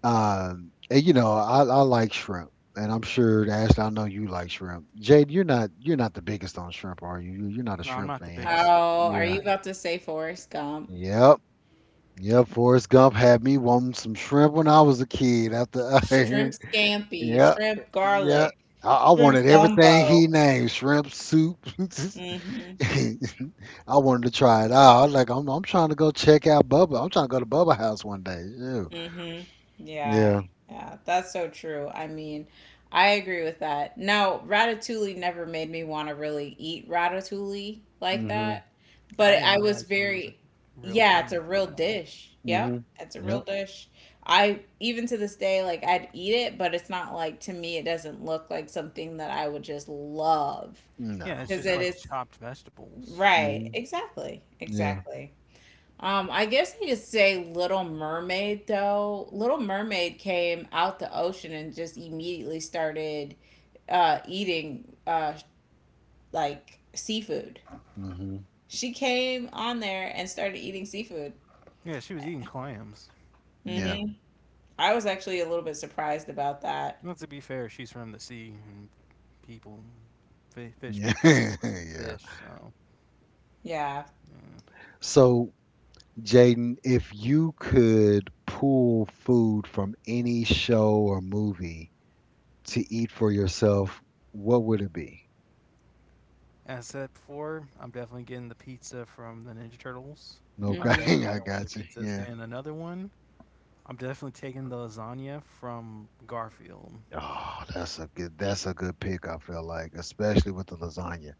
[SPEAKER 1] Um, and you know, I, I like shrimp, and I'm sure Ashley, I know you like shrimp. Jade, you're not you're not the biggest on shrimp, are you? You- You're not a
[SPEAKER 3] No, I'm
[SPEAKER 1] shrimp
[SPEAKER 3] not the
[SPEAKER 1] fan.
[SPEAKER 3] biggest
[SPEAKER 2] Oh, are
[SPEAKER 1] Yeah.
[SPEAKER 2] you
[SPEAKER 3] guy.
[SPEAKER 2] about to say Forrest Gump?
[SPEAKER 1] Yep. Yep. Forrest Gump had me wanting some shrimp when I was a kid. After I,
[SPEAKER 2] Shrimp scampi,
[SPEAKER 1] yeah,
[SPEAKER 2] shrimp
[SPEAKER 1] yeah.
[SPEAKER 2] garlic,
[SPEAKER 1] I, I
[SPEAKER 2] shrimp
[SPEAKER 1] wanted everything he
[SPEAKER 2] gumbo.
[SPEAKER 1] named shrimp soup.
[SPEAKER 2] Hmm.
[SPEAKER 1] I wanted to try it out. I was like I'm, I'm trying to go check out Bubba. I'm trying to go to Bubba House one day. Ew.
[SPEAKER 2] Hmm. Yeah.
[SPEAKER 1] Yeah.
[SPEAKER 2] Yeah. That's so true. I mean, I agree with that. Now, ratatouille never made me want to really eat ratatouille like
[SPEAKER 1] Mhm.
[SPEAKER 2] that,
[SPEAKER 3] I
[SPEAKER 2] but
[SPEAKER 3] didn't
[SPEAKER 2] I
[SPEAKER 3] know
[SPEAKER 2] was
[SPEAKER 3] Rai Chili was a
[SPEAKER 2] very,
[SPEAKER 3] real
[SPEAKER 2] yeah, it's
[SPEAKER 3] thing
[SPEAKER 2] a
[SPEAKER 3] until
[SPEAKER 2] real
[SPEAKER 3] now.
[SPEAKER 2] dish. Yep.
[SPEAKER 1] Mhm.
[SPEAKER 2] It's a real
[SPEAKER 1] Yep.
[SPEAKER 2] dish. I, even to this day, like I'd eat it, but it's not like, to me, it doesn't look like something that I would just love
[SPEAKER 3] Yeah,
[SPEAKER 1] No.
[SPEAKER 3] it's
[SPEAKER 2] because
[SPEAKER 3] just
[SPEAKER 2] it
[SPEAKER 3] like
[SPEAKER 1] No.
[SPEAKER 2] is,
[SPEAKER 3] chopped vegetables.
[SPEAKER 2] right.
[SPEAKER 1] Mhm.
[SPEAKER 2] Exactly.
[SPEAKER 1] Yeah.
[SPEAKER 2] Exactly. Um, I guess I could say Little Mermaid though. Little Mermaid came out the ocean and just immediately started uh eating uh like seafood.
[SPEAKER 1] Hmm.
[SPEAKER 2] She came on there and started eating seafood.
[SPEAKER 3] Yeah, she was eating clams.
[SPEAKER 1] Yeah.
[SPEAKER 2] Mhm. I was actually a little bit surprised about that.
[SPEAKER 3] Well, to be fair, she's from the sea, and people, fish
[SPEAKER 1] Yeah.
[SPEAKER 3] people eat
[SPEAKER 1] yeah.
[SPEAKER 3] fish, so.
[SPEAKER 2] Yeah.
[SPEAKER 3] Yeah.
[SPEAKER 1] So, Jaden, if you could pull food from any show or movie to eat for yourself, what would it be?
[SPEAKER 3] As I said before, I'm definitely getting the pizza from the Ninja Turtles.
[SPEAKER 1] No,
[SPEAKER 3] I'm
[SPEAKER 2] Mhm.
[SPEAKER 3] definitely
[SPEAKER 1] okay, I
[SPEAKER 3] stealing their
[SPEAKER 1] got you.
[SPEAKER 3] pizzas.
[SPEAKER 1] Yeah.
[SPEAKER 3] And another one, I'm definitely taking the lasagna from Garfield.
[SPEAKER 1] Oh, that's a good that's a good pick, I feel like, especially with the lasagna.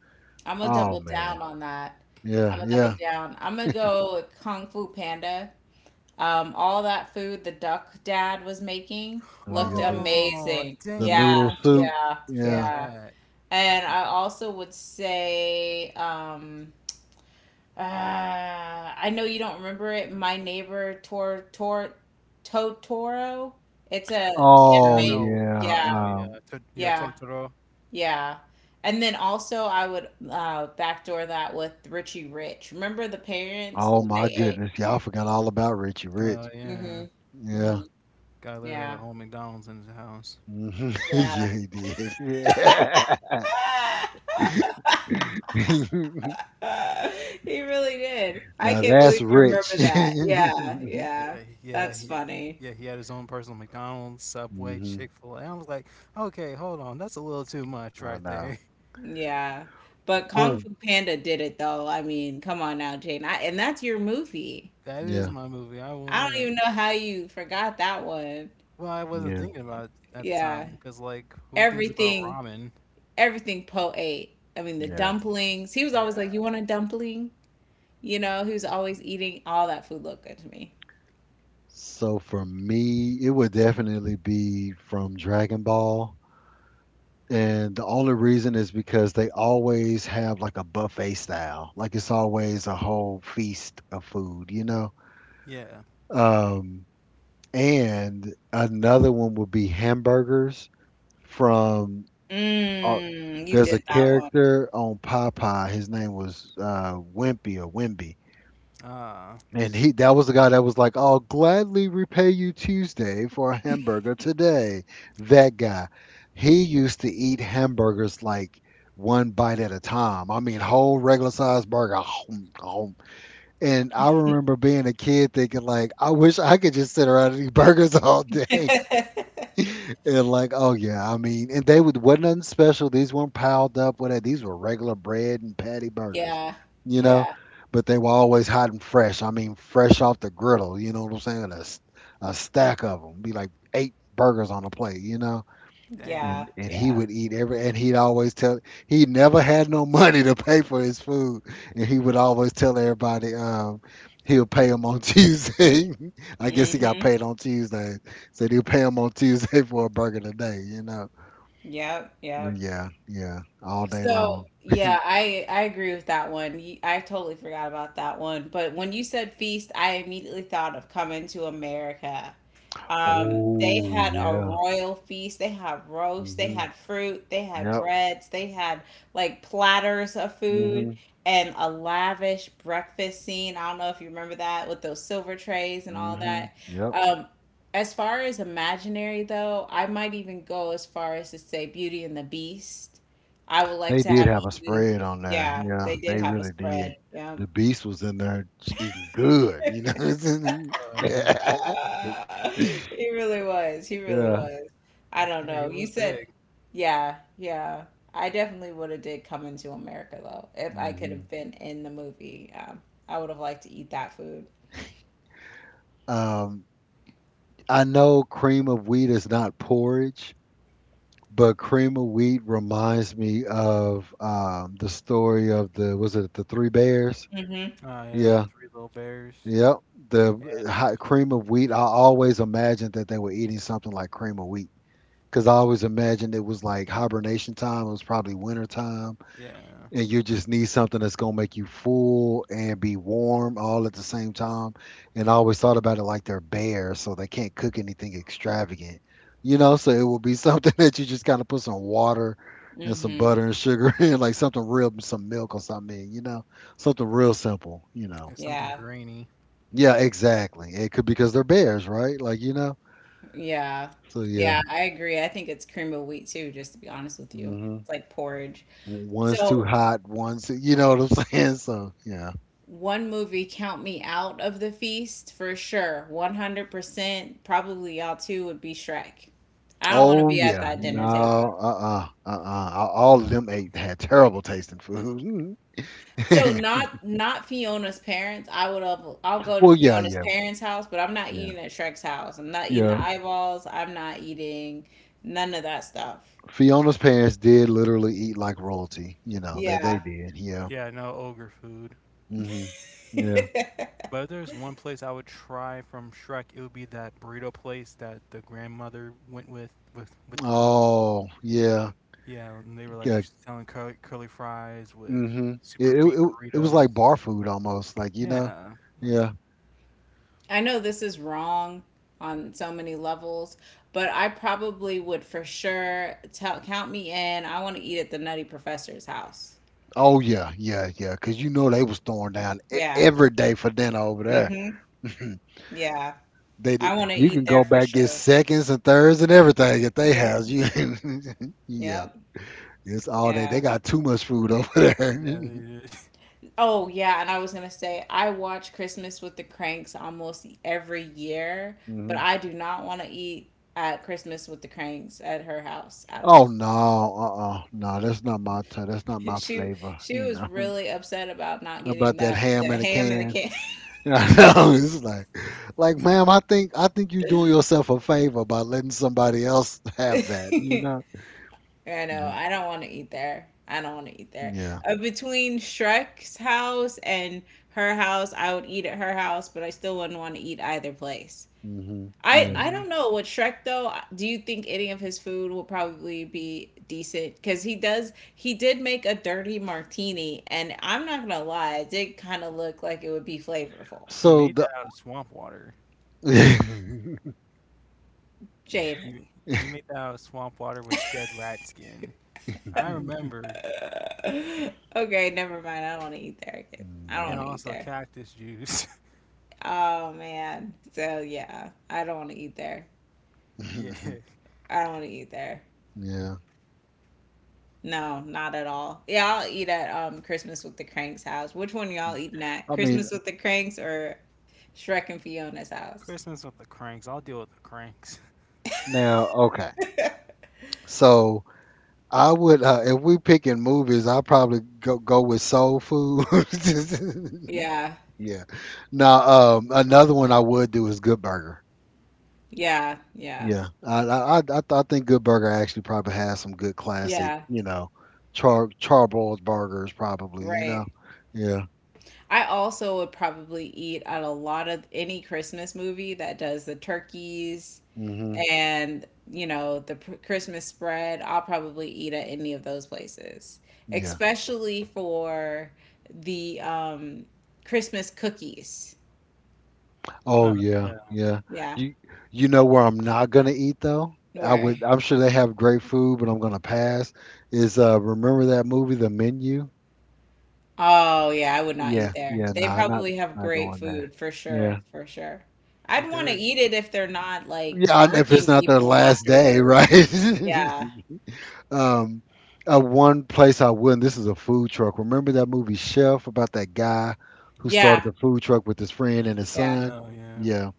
[SPEAKER 2] I'm gonna
[SPEAKER 3] Yeah.
[SPEAKER 1] Oh
[SPEAKER 2] double
[SPEAKER 1] man.
[SPEAKER 2] down on that. I'm
[SPEAKER 1] Yeah,
[SPEAKER 2] gonna double
[SPEAKER 1] yeah.
[SPEAKER 2] down. I'm gonna go with Kung Fu Panda. Um, all that food the duck dad was making
[SPEAKER 1] Oh
[SPEAKER 2] looked
[SPEAKER 1] yeah, the
[SPEAKER 3] Oh,
[SPEAKER 2] amazing.
[SPEAKER 1] the
[SPEAKER 3] dang it.
[SPEAKER 2] Yeah,
[SPEAKER 1] noodle
[SPEAKER 3] I should
[SPEAKER 1] soup.
[SPEAKER 2] yeah,
[SPEAKER 3] pick
[SPEAKER 1] Yeah.
[SPEAKER 2] yeah.
[SPEAKER 3] that.
[SPEAKER 2] And I also would say, um, uh, I know you don't remember it. My neighbor Tor Tor Totoro. It's a
[SPEAKER 3] Yeah, I
[SPEAKER 1] Oh
[SPEAKER 2] anime.
[SPEAKER 3] know what
[SPEAKER 1] yeah.
[SPEAKER 2] Yeah,
[SPEAKER 3] you're talking about.
[SPEAKER 1] Um
[SPEAKER 3] Yeah, to- yeah,
[SPEAKER 2] yeah,
[SPEAKER 3] Totoro.
[SPEAKER 2] yeah. And then also I would uh, backdoor that with Richie Rich. Remember the parents
[SPEAKER 1] Oh
[SPEAKER 2] when
[SPEAKER 1] my
[SPEAKER 2] they ate?
[SPEAKER 1] goodness, y'all forgot all about Richie
[SPEAKER 3] Uh,
[SPEAKER 1] Rich.
[SPEAKER 3] yeah,
[SPEAKER 2] Mm-hmm.
[SPEAKER 1] Yeah.
[SPEAKER 2] Mm-hmm.
[SPEAKER 3] Guy literally had a
[SPEAKER 2] Yeah.
[SPEAKER 3] whole McDonald's in his house.
[SPEAKER 1] Hmm.
[SPEAKER 2] Yeah.
[SPEAKER 1] yeah, he did. Yeah.
[SPEAKER 2] He really did. I
[SPEAKER 1] Now
[SPEAKER 2] can't
[SPEAKER 1] that's
[SPEAKER 2] believe you
[SPEAKER 1] rich.
[SPEAKER 2] remember that. Yeah,
[SPEAKER 1] Hmm.
[SPEAKER 3] Yeah,
[SPEAKER 2] yeah.
[SPEAKER 3] yeah,
[SPEAKER 2] That's
[SPEAKER 3] he,
[SPEAKER 2] funny.
[SPEAKER 3] yeah. He had his own personal McDonald's, Subway, Chick Fil A. I was like, okay, hold on, that's a little too much
[SPEAKER 1] I
[SPEAKER 3] right
[SPEAKER 1] know.
[SPEAKER 3] there.
[SPEAKER 2] Yeah. But Kung
[SPEAKER 1] Oh,
[SPEAKER 2] Fu Panda did it though. I mean, come on now, Jane. I, and that's your movie.
[SPEAKER 3] That is
[SPEAKER 1] yeah,
[SPEAKER 3] my movie. I will
[SPEAKER 2] I don't
[SPEAKER 3] admit.
[SPEAKER 2] even know how you forgot that one.
[SPEAKER 3] Well, I wasn't
[SPEAKER 1] yeah,
[SPEAKER 3] thinking about it at the time
[SPEAKER 2] Yeah.
[SPEAKER 3] because, like, who thinks about
[SPEAKER 2] Everything
[SPEAKER 3] ramen?
[SPEAKER 2] everything Po ate. I mean, the
[SPEAKER 1] yeah.
[SPEAKER 2] dumplings. He was always like,
[SPEAKER 3] Yeah,
[SPEAKER 2] "You want a dumpling?" You know, he was always eating all that food looked good to me.
[SPEAKER 1] So for me, it would definitely be from Dragon Ball. And the only reason is because they always have like a buffet style. Like it's always a whole feast of food, you know?
[SPEAKER 3] yeah.
[SPEAKER 1] Um And another one would be hamburgers from, uh,
[SPEAKER 2] Mmm, you
[SPEAKER 1] there's
[SPEAKER 2] did
[SPEAKER 1] a
[SPEAKER 2] that one.
[SPEAKER 1] character on Popeye. His name was uh, Wimpy or Wimby.
[SPEAKER 3] Ah,
[SPEAKER 1] And he that was the guy that was like, I'll gladly repay you Tuesday for a hamburger today. That guy. He used to eat hamburgers like one bite at a time. I mean whole regular sized burger. And I remember being a kid thinking like, I wish I could just sit around and eat burgers all day. And like, oh yeah, I mean, and they would wasn't nothing special. These weren't piled up with that. These were regular bread and patty burgers,
[SPEAKER 2] Yeah,
[SPEAKER 1] you know.
[SPEAKER 2] yeah,
[SPEAKER 1] But they were always hot and fresh. I mean, fresh off the griddle. You know what I'm saying? A, s- a stack of them, be like eight burgers on a plate, you know
[SPEAKER 3] dang.
[SPEAKER 2] yeah,
[SPEAKER 1] and and he
[SPEAKER 2] yeah.
[SPEAKER 1] would eat every, and he'd always tell. He never had no money to pay for his food, and he would always tell everybody um he'll pay him on Tuesday. I guess he got
[SPEAKER 2] Mm-hmm.
[SPEAKER 1] paid on Tuesday. Said he'll pay him on Tuesday for a burger today you know
[SPEAKER 2] Yep,
[SPEAKER 1] Well,
[SPEAKER 2] yep.
[SPEAKER 1] yeah, yeah, all day long.
[SPEAKER 2] So, yeah, I I agree with that one. You- I totally forgot about that one. But when you said feast, I immediately thought of Coming to America. Um, they
[SPEAKER 1] Oh
[SPEAKER 2] had a
[SPEAKER 1] yeah.
[SPEAKER 2] royal feast. They had roast. They
[SPEAKER 1] Mhm.
[SPEAKER 2] had fruit. They had
[SPEAKER 1] Yep.
[SPEAKER 2] breads. They had like platters of food
[SPEAKER 1] Mhm.
[SPEAKER 2] and a lavish breakfast scene. I don't know if you remember that with those silver trays and all
[SPEAKER 1] Mhm.
[SPEAKER 2] that.
[SPEAKER 1] Yep.
[SPEAKER 2] Um, as far as imaginary, though, I might even go as far as to say Beauty and the Beast I would like
[SPEAKER 1] They
[SPEAKER 2] to
[SPEAKER 1] did
[SPEAKER 2] have
[SPEAKER 1] have a
[SPEAKER 2] eaten.
[SPEAKER 1] spread on there.
[SPEAKER 2] Yeah,
[SPEAKER 1] Yeah,
[SPEAKER 2] they did
[SPEAKER 1] they
[SPEAKER 2] have a
[SPEAKER 1] really did.
[SPEAKER 2] spread. Yeah.
[SPEAKER 1] The beast was in there eating good, you know.
[SPEAKER 3] Oh yeah,
[SPEAKER 2] Ah, he really was. He really
[SPEAKER 1] yeah.
[SPEAKER 2] was. I don't
[SPEAKER 3] where he
[SPEAKER 2] know. You
[SPEAKER 3] was
[SPEAKER 2] said,
[SPEAKER 3] big.
[SPEAKER 2] yeah, yeah. I definitely would have did come into America though, if I could
[SPEAKER 1] Hmm.
[SPEAKER 2] have been in the movie. Um, I would have liked to eat that food.
[SPEAKER 1] Um, I know cream of wheat is not porridge, but cream of wheat reminds me of um, the story of the, was it, the three bears?
[SPEAKER 2] Mm-hmm.
[SPEAKER 3] I had
[SPEAKER 1] Yeah,
[SPEAKER 3] three little bears,
[SPEAKER 1] yep. The
[SPEAKER 3] and
[SPEAKER 1] hot cream of wheat. I always imagined that they were eating something like cream of wheat because I always imagined it was like hibernation time. It was probably winter time
[SPEAKER 3] yeah.
[SPEAKER 1] and you just need something that's gonna make you full and be warm all at the same time. And I always thought about it like they're bears, so they can't cook anything extravagant, you know. So it will be something that you just kind of put some water and some
[SPEAKER 2] Mm-hmm.
[SPEAKER 1] butter and sugar in, like something real, some milk or something, in, you know, something real simple, you know.
[SPEAKER 3] It's something
[SPEAKER 2] Yeah.
[SPEAKER 3] grainy.
[SPEAKER 1] Yeah, exactly. It could because they're bears, right? Like you know.
[SPEAKER 2] Yeah.
[SPEAKER 1] So yeah.
[SPEAKER 2] Yeah, I agree. I think it's cream of wheat too, just to be honest with you.
[SPEAKER 1] Hmm.
[SPEAKER 2] It's like porridge.
[SPEAKER 1] One's too
[SPEAKER 2] So
[SPEAKER 1] hot, one's too, you know what I'm saying. So yeah.
[SPEAKER 2] one movie count me out of the feast for sure. one hundred percent. Probably y'all too would be Shrek. I don't want to
[SPEAKER 1] Oh
[SPEAKER 2] be at
[SPEAKER 1] yeah,
[SPEAKER 2] that
[SPEAKER 1] no,
[SPEAKER 2] dinner
[SPEAKER 3] Yeah,
[SPEAKER 2] table.
[SPEAKER 1] uh, uh-uh, uh, uh, all
[SPEAKER 3] no.
[SPEAKER 1] of them ate had terrible tasting food.
[SPEAKER 2] So
[SPEAKER 1] Mm.
[SPEAKER 2] not not Fiona's parents. I would have, I'll go to
[SPEAKER 1] Well, yeah,
[SPEAKER 2] Fiona's
[SPEAKER 1] yeah,
[SPEAKER 2] parents' house, but I'm not
[SPEAKER 1] yeah,
[SPEAKER 2] eating at Shrek's house. I'm not eating the
[SPEAKER 1] yeah.
[SPEAKER 2] eyeballs. I'm not eating none of that stuff.
[SPEAKER 1] Fiona's parents did literally eat like royalty. You know, they they
[SPEAKER 2] Yeah.
[SPEAKER 1] did. Yeah.
[SPEAKER 3] Yeah, no ogre food.
[SPEAKER 1] Hmm. Yeah.
[SPEAKER 3] But if there's one place I would try from Shrek, it would be that burrito place that the grandmother went with with with the king.
[SPEAKER 1] Oh yeah.
[SPEAKER 3] Yeah, and they were like
[SPEAKER 1] Yeah.
[SPEAKER 3] selling curly, curly fries with
[SPEAKER 1] Hmm.
[SPEAKER 3] super
[SPEAKER 1] It, it
[SPEAKER 3] beet
[SPEAKER 1] it it was like
[SPEAKER 3] burritos.
[SPEAKER 1] bar food almost. Like you know.
[SPEAKER 3] Yeah, like
[SPEAKER 1] Yeah.
[SPEAKER 2] I know this is wrong on so many levels, but I probably would for sure tell count me in. I want to eat at the Nutty Professor's house.
[SPEAKER 1] Oh yeah, yeah, yeah. Cause you know they was throwing down e-
[SPEAKER 2] Yeah.
[SPEAKER 1] every day for dinner over there.
[SPEAKER 2] Mm-hmm. Yeah.
[SPEAKER 1] They did-
[SPEAKER 2] I want to
[SPEAKER 1] you can
[SPEAKER 2] eat there
[SPEAKER 1] go
[SPEAKER 2] for
[SPEAKER 1] back get
[SPEAKER 2] sure.
[SPEAKER 1] seconds and thirds and everything at they
[SPEAKER 2] Yep.
[SPEAKER 1] house. You yeah,
[SPEAKER 2] Yep.
[SPEAKER 1] it's all day. They
[SPEAKER 2] Yeah.
[SPEAKER 1] got too much food over there.
[SPEAKER 3] yeah, they did.
[SPEAKER 2] Oh, yeah. And I was gonna say, I watch Christmas with the Cranks almost every year, but
[SPEAKER 1] Hmm.
[SPEAKER 2] I do not want to eat at Christmas with the Cranks at her house at
[SPEAKER 1] Oh
[SPEAKER 2] all.
[SPEAKER 1] no, uh, uh no, that's not my t- that's not my
[SPEAKER 2] She
[SPEAKER 1] flavor.
[SPEAKER 2] she
[SPEAKER 1] You
[SPEAKER 2] was
[SPEAKER 1] know
[SPEAKER 2] really upset about not getting
[SPEAKER 1] about that
[SPEAKER 2] that
[SPEAKER 1] ham
[SPEAKER 2] the
[SPEAKER 1] in a
[SPEAKER 2] ham and the
[SPEAKER 1] can.
[SPEAKER 2] can.
[SPEAKER 1] I know it's like, like, ma'am, I think I think you're doing yourself a favor by letting somebody else have that. You know.
[SPEAKER 2] I know.
[SPEAKER 1] Mhm.
[SPEAKER 2] I don't want to eat there. I don't want to eat there.
[SPEAKER 1] Yeah.
[SPEAKER 2] Uh, between Shrek's house and her house, I would eat at her house, but I still wouldn't want to eat either place.
[SPEAKER 1] Hmm.
[SPEAKER 2] I
[SPEAKER 1] Yeah.
[SPEAKER 2] I
[SPEAKER 3] Mhm.
[SPEAKER 2] don't know what Shrek though. Do you think any of his food will probably be decent? Because he does he did make a dirty martini, and I'm not gonna lie, it did kind of look like it would be flavorful.
[SPEAKER 3] He
[SPEAKER 1] So
[SPEAKER 3] made
[SPEAKER 1] the.
[SPEAKER 3] that out of swamp water.
[SPEAKER 2] Jaden.
[SPEAKER 3] He he made that out of swamp water with dead rat skin. I
[SPEAKER 1] Mhm.
[SPEAKER 3] remember,
[SPEAKER 2] Okay, never mind. I don't want to eat there again. I don't
[SPEAKER 3] and
[SPEAKER 2] want to eat
[SPEAKER 3] also
[SPEAKER 2] there.
[SPEAKER 3] cactus juice.
[SPEAKER 2] Oh man. So yeah, I don't want to eat there.
[SPEAKER 3] Yeah.
[SPEAKER 2] I don't want to eat there.
[SPEAKER 1] Yeah.
[SPEAKER 2] No, not at all. Yeah, I'll eat at um Christmas with the Cranks house. Which one y'all eating at?
[SPEAKER 1] I mean,
[SPEAKER 2] Christmas with the Cranks or Shrek and Fiona's house?
[SPEAKER 3] Christmas with the cranks. I'll deal with the cranks.
[SPEAKER 1] now, okay. So I would, uh, if we picking movies, I'll probably go go with Soul Food.
[SPEAKER 2] Yeah.
[SPEAKER 1] yeah. Now, um, another one I would do is Good Burger.
[SPEAKER 2] Yeah. Yeah.
[SPEAKER 1] Yeah. I I I, I th- I think Good Burger actually probably has some good classic,
[SPEAKER 2] Yeah.
[SPEAKER 1] you know, char charboiled burgers probably, you know.
[SPEAKER 2] Right.
[SPEAKER 1] Yeah.
[SPEAKER 2] I also would probably eat at a lot of any Christmas movie that does the turkeys
[SPEAKER 1] Mhm.
[SPEAKER 2] and, you know, the pr- Christmas spread. I'll probably eat at any of those places,
[SPEAKER 1] Yeah.
[SPEAKER 2] especially for the um, Christmas cookies.
[SPEAKER 1] Oh
[SPEAKER 3] Oh
[SPEAKER 1] yeah,
[SPEAKER 3] yeah.
[SPEAKER 1] yeah.
[SPEAKER 2] Yeah.
[SPEAKER 1] You you know where I'm not gonna eat though? I
[SPEAKER 2] Where?
[SPEAKER 1] would I'm sure they have great food, but I'm gonna pass. Is uh remember that movie The Menu?
[SPEAKER 2] Oh, yeah, I would not eat
[SPEAKER 1] Yeah,
[SPEAKER 2] there.
[SPEAKER 1] yeah,
[SPEAKER 2] They
[SPEAKER 1] nah, not
[SPEAKER 2] probably have
[SPEAKER 1] not
[SPEAKER 2] great
[SPEAKER 1] going there.
[SPEAKER 2] food for sure,
[SPEAKER 1] Yeah.
[SPEAKER 2] for sure. I'd
[SPEAKER 3] If
[SPEAKER 2] want
[SPEAKER 3] there
[SPEAKER 2] to
[SPEAKER 3] is,
[SPEAKER 2] eat it if they're not like
[SPEAKER 1] Yeah, and if it's
[SPEAKER 2] murking
[SPEAKER 1] not their
[SPEAKER 2] people
[SPEAKER 1] last day,
[SPEAKER 2] afterwards.
[SPEAKER 1] right?
[SPEAKER 2] Yeah.
[SPEAKER 1] Um uh, one place I wouldn't, this is a food truck. Remember that movie Chef about that guy who started
[SPEAKER 2] Yeah.
[SPEAKER 1] the food truck with his friend and his
[SPEAKER 2] Yeah.
[SPEAKER 1] son?
[SPEAKER 3] oh yeah.
[SPEAKER 1] Yeah.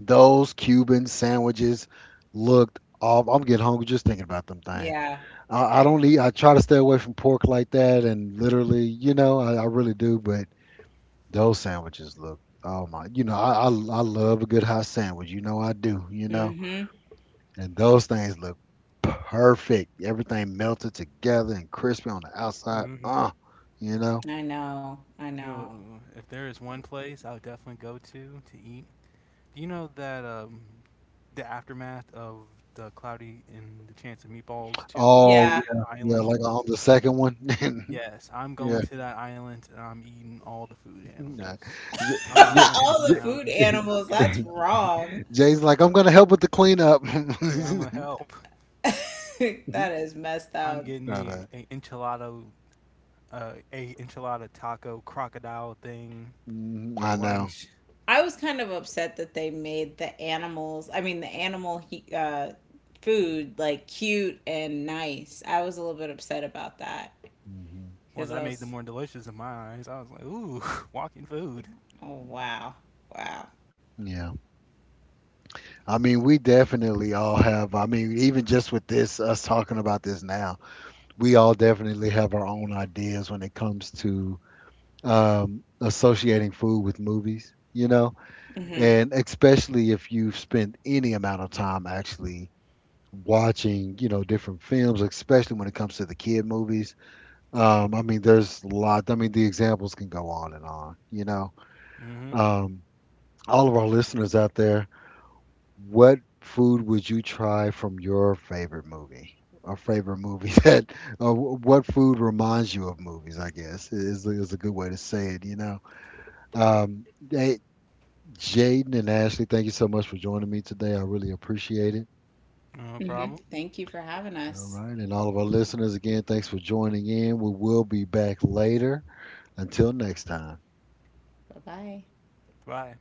[SPEAKER 1] Those Cuban sandwiches looked off. I'm getting hungry just thinking about them things.
[SPEAKER 2] Yeah.
[SPEAKER 1] I, I don't eat. I try to stay away from pork like that, and literally, you know, I, I really do. But those sandwiches look, oh my, you know, I, I I love a good hot sandwich. You know, I do. You know,
[SPEAKER 2] Mm-hmm.
[SPEAKER 1] and those things look perfect. Everything melted together and crispy on the outside.
[SPEAKER 3] Mhm.
[SPEAKER 1] Uh, you know.
[SPEAKER 2] I know. I
[SPEAKER 3] Oh,
[SPEAKER 2] know.
[SPEAKER 3] if there is one place I would definitely go to to eat. Do you know that um, the aftermath of the Cloudy and the Chance of Meatballs two movie,
[SPEAKER 1] Oh
[SPEAKER 2] Yeah.
[SPEAKER 1] yeah,
[SPEAKER 3] with the
[SPEAKER 1] yeah.
[SPEAKER 3] island?
[SPEAKER 1] Like on the second one.
[SPEAKER 3] Yes, I'm
[SPEAKER 1] yeah.
[SPEAKER 3] going to that island and I'm eating all the food
[SPEAKER 1] Yeah.
[SPEAKER 3] animals. I'm gonna
[SPEAKER 1] Yeah.
[SPEAKER 3] hunt them
[SPEAKER 2] All the food
[SPEAKER 3] down and I'm
[SPEAKER 2] animals,
[SPEAKER 3] gonna
[SPEAKER 1] Yeah.
[SPEAKER 2] that's
[SPEAKER 3] eat them.
[SPEAKER 2] wrong.
[SPEAKER 1] Jay's like, I'm gonna help with the cleanup.
[SPEAKER 3] Yeah, I'm gonna help.
[SPEAKER 2] That is messed
[SPEAKER 3] I'm
[SPEAKER 2] up.
[SPEAKER 3] getting
[SPEAKER 1] Know
[SPEAKER 3] me
[SPEAKER 1] that.
[SPEAKER 3] a, a enchilado uh, a enchilada taco crocodile thing
[SPEAKER 1] Mhm,
[SPEAKER 3] for
[SPEAKER 1] I know.
[SPEAKER 3] lunch.
[SPEAKER 2] I was kind of upset that they made the animals, I mean the animal he, uh food like cute and nice. I was a little bit upset about that
[SPEAKER 1] Hmm.
[SPEAKER 3] Well,
[SPEAKER 2] because I
[SPEAKER 3] that made them
[SPEAKER 2] was
[SPEAKER 3] more delicious in my eyes. I was like, ooh, walking food.
[SPEAKER 2] oh wow. Wow.
[SPEAKER 1] Yeah. I mean, we definitely all have. I mean, even just with this, us talking about this now, we all definitely have our own ideas when it comes to um, associating food with movies, you know,
[SPEAKER 2] Mm-hmm.
[SPEAKER 3] Yeah.
[SPEAKER 1] and especially if you've spent any amount of time actually watching, you know, different films, especially when it comes to the kid movies. Um, I mean, there's a lot. I mean, the examples can go on and on, you know.
[SPEAKER 3] Mm-hmm.
[SPEAKER 1] Um, all of our listeners out there, what food would you try from your favorite movie? Or favorite movie, that, uh, wh- what food reminds you of movies? I guess is is a good way to say it. You know, um, hey, Jaden and Ashley, thank you so much for joining me today. I really appreciate it.
[SPEAKER 3] No
[SPEAKER 2] Mm-hmm.
[SPEAKER 3] problem.
[SPEAKER 2] Thank you for having
[SPEAKER 1] All
[SPEAKER 2] us.
[SPEAKER 1] right, and all of our listeners again, thanks for joining in. We will be back later. Until next time.
[SPEAKER 2] Bye-bye.
[SPEAKER 3] Bye.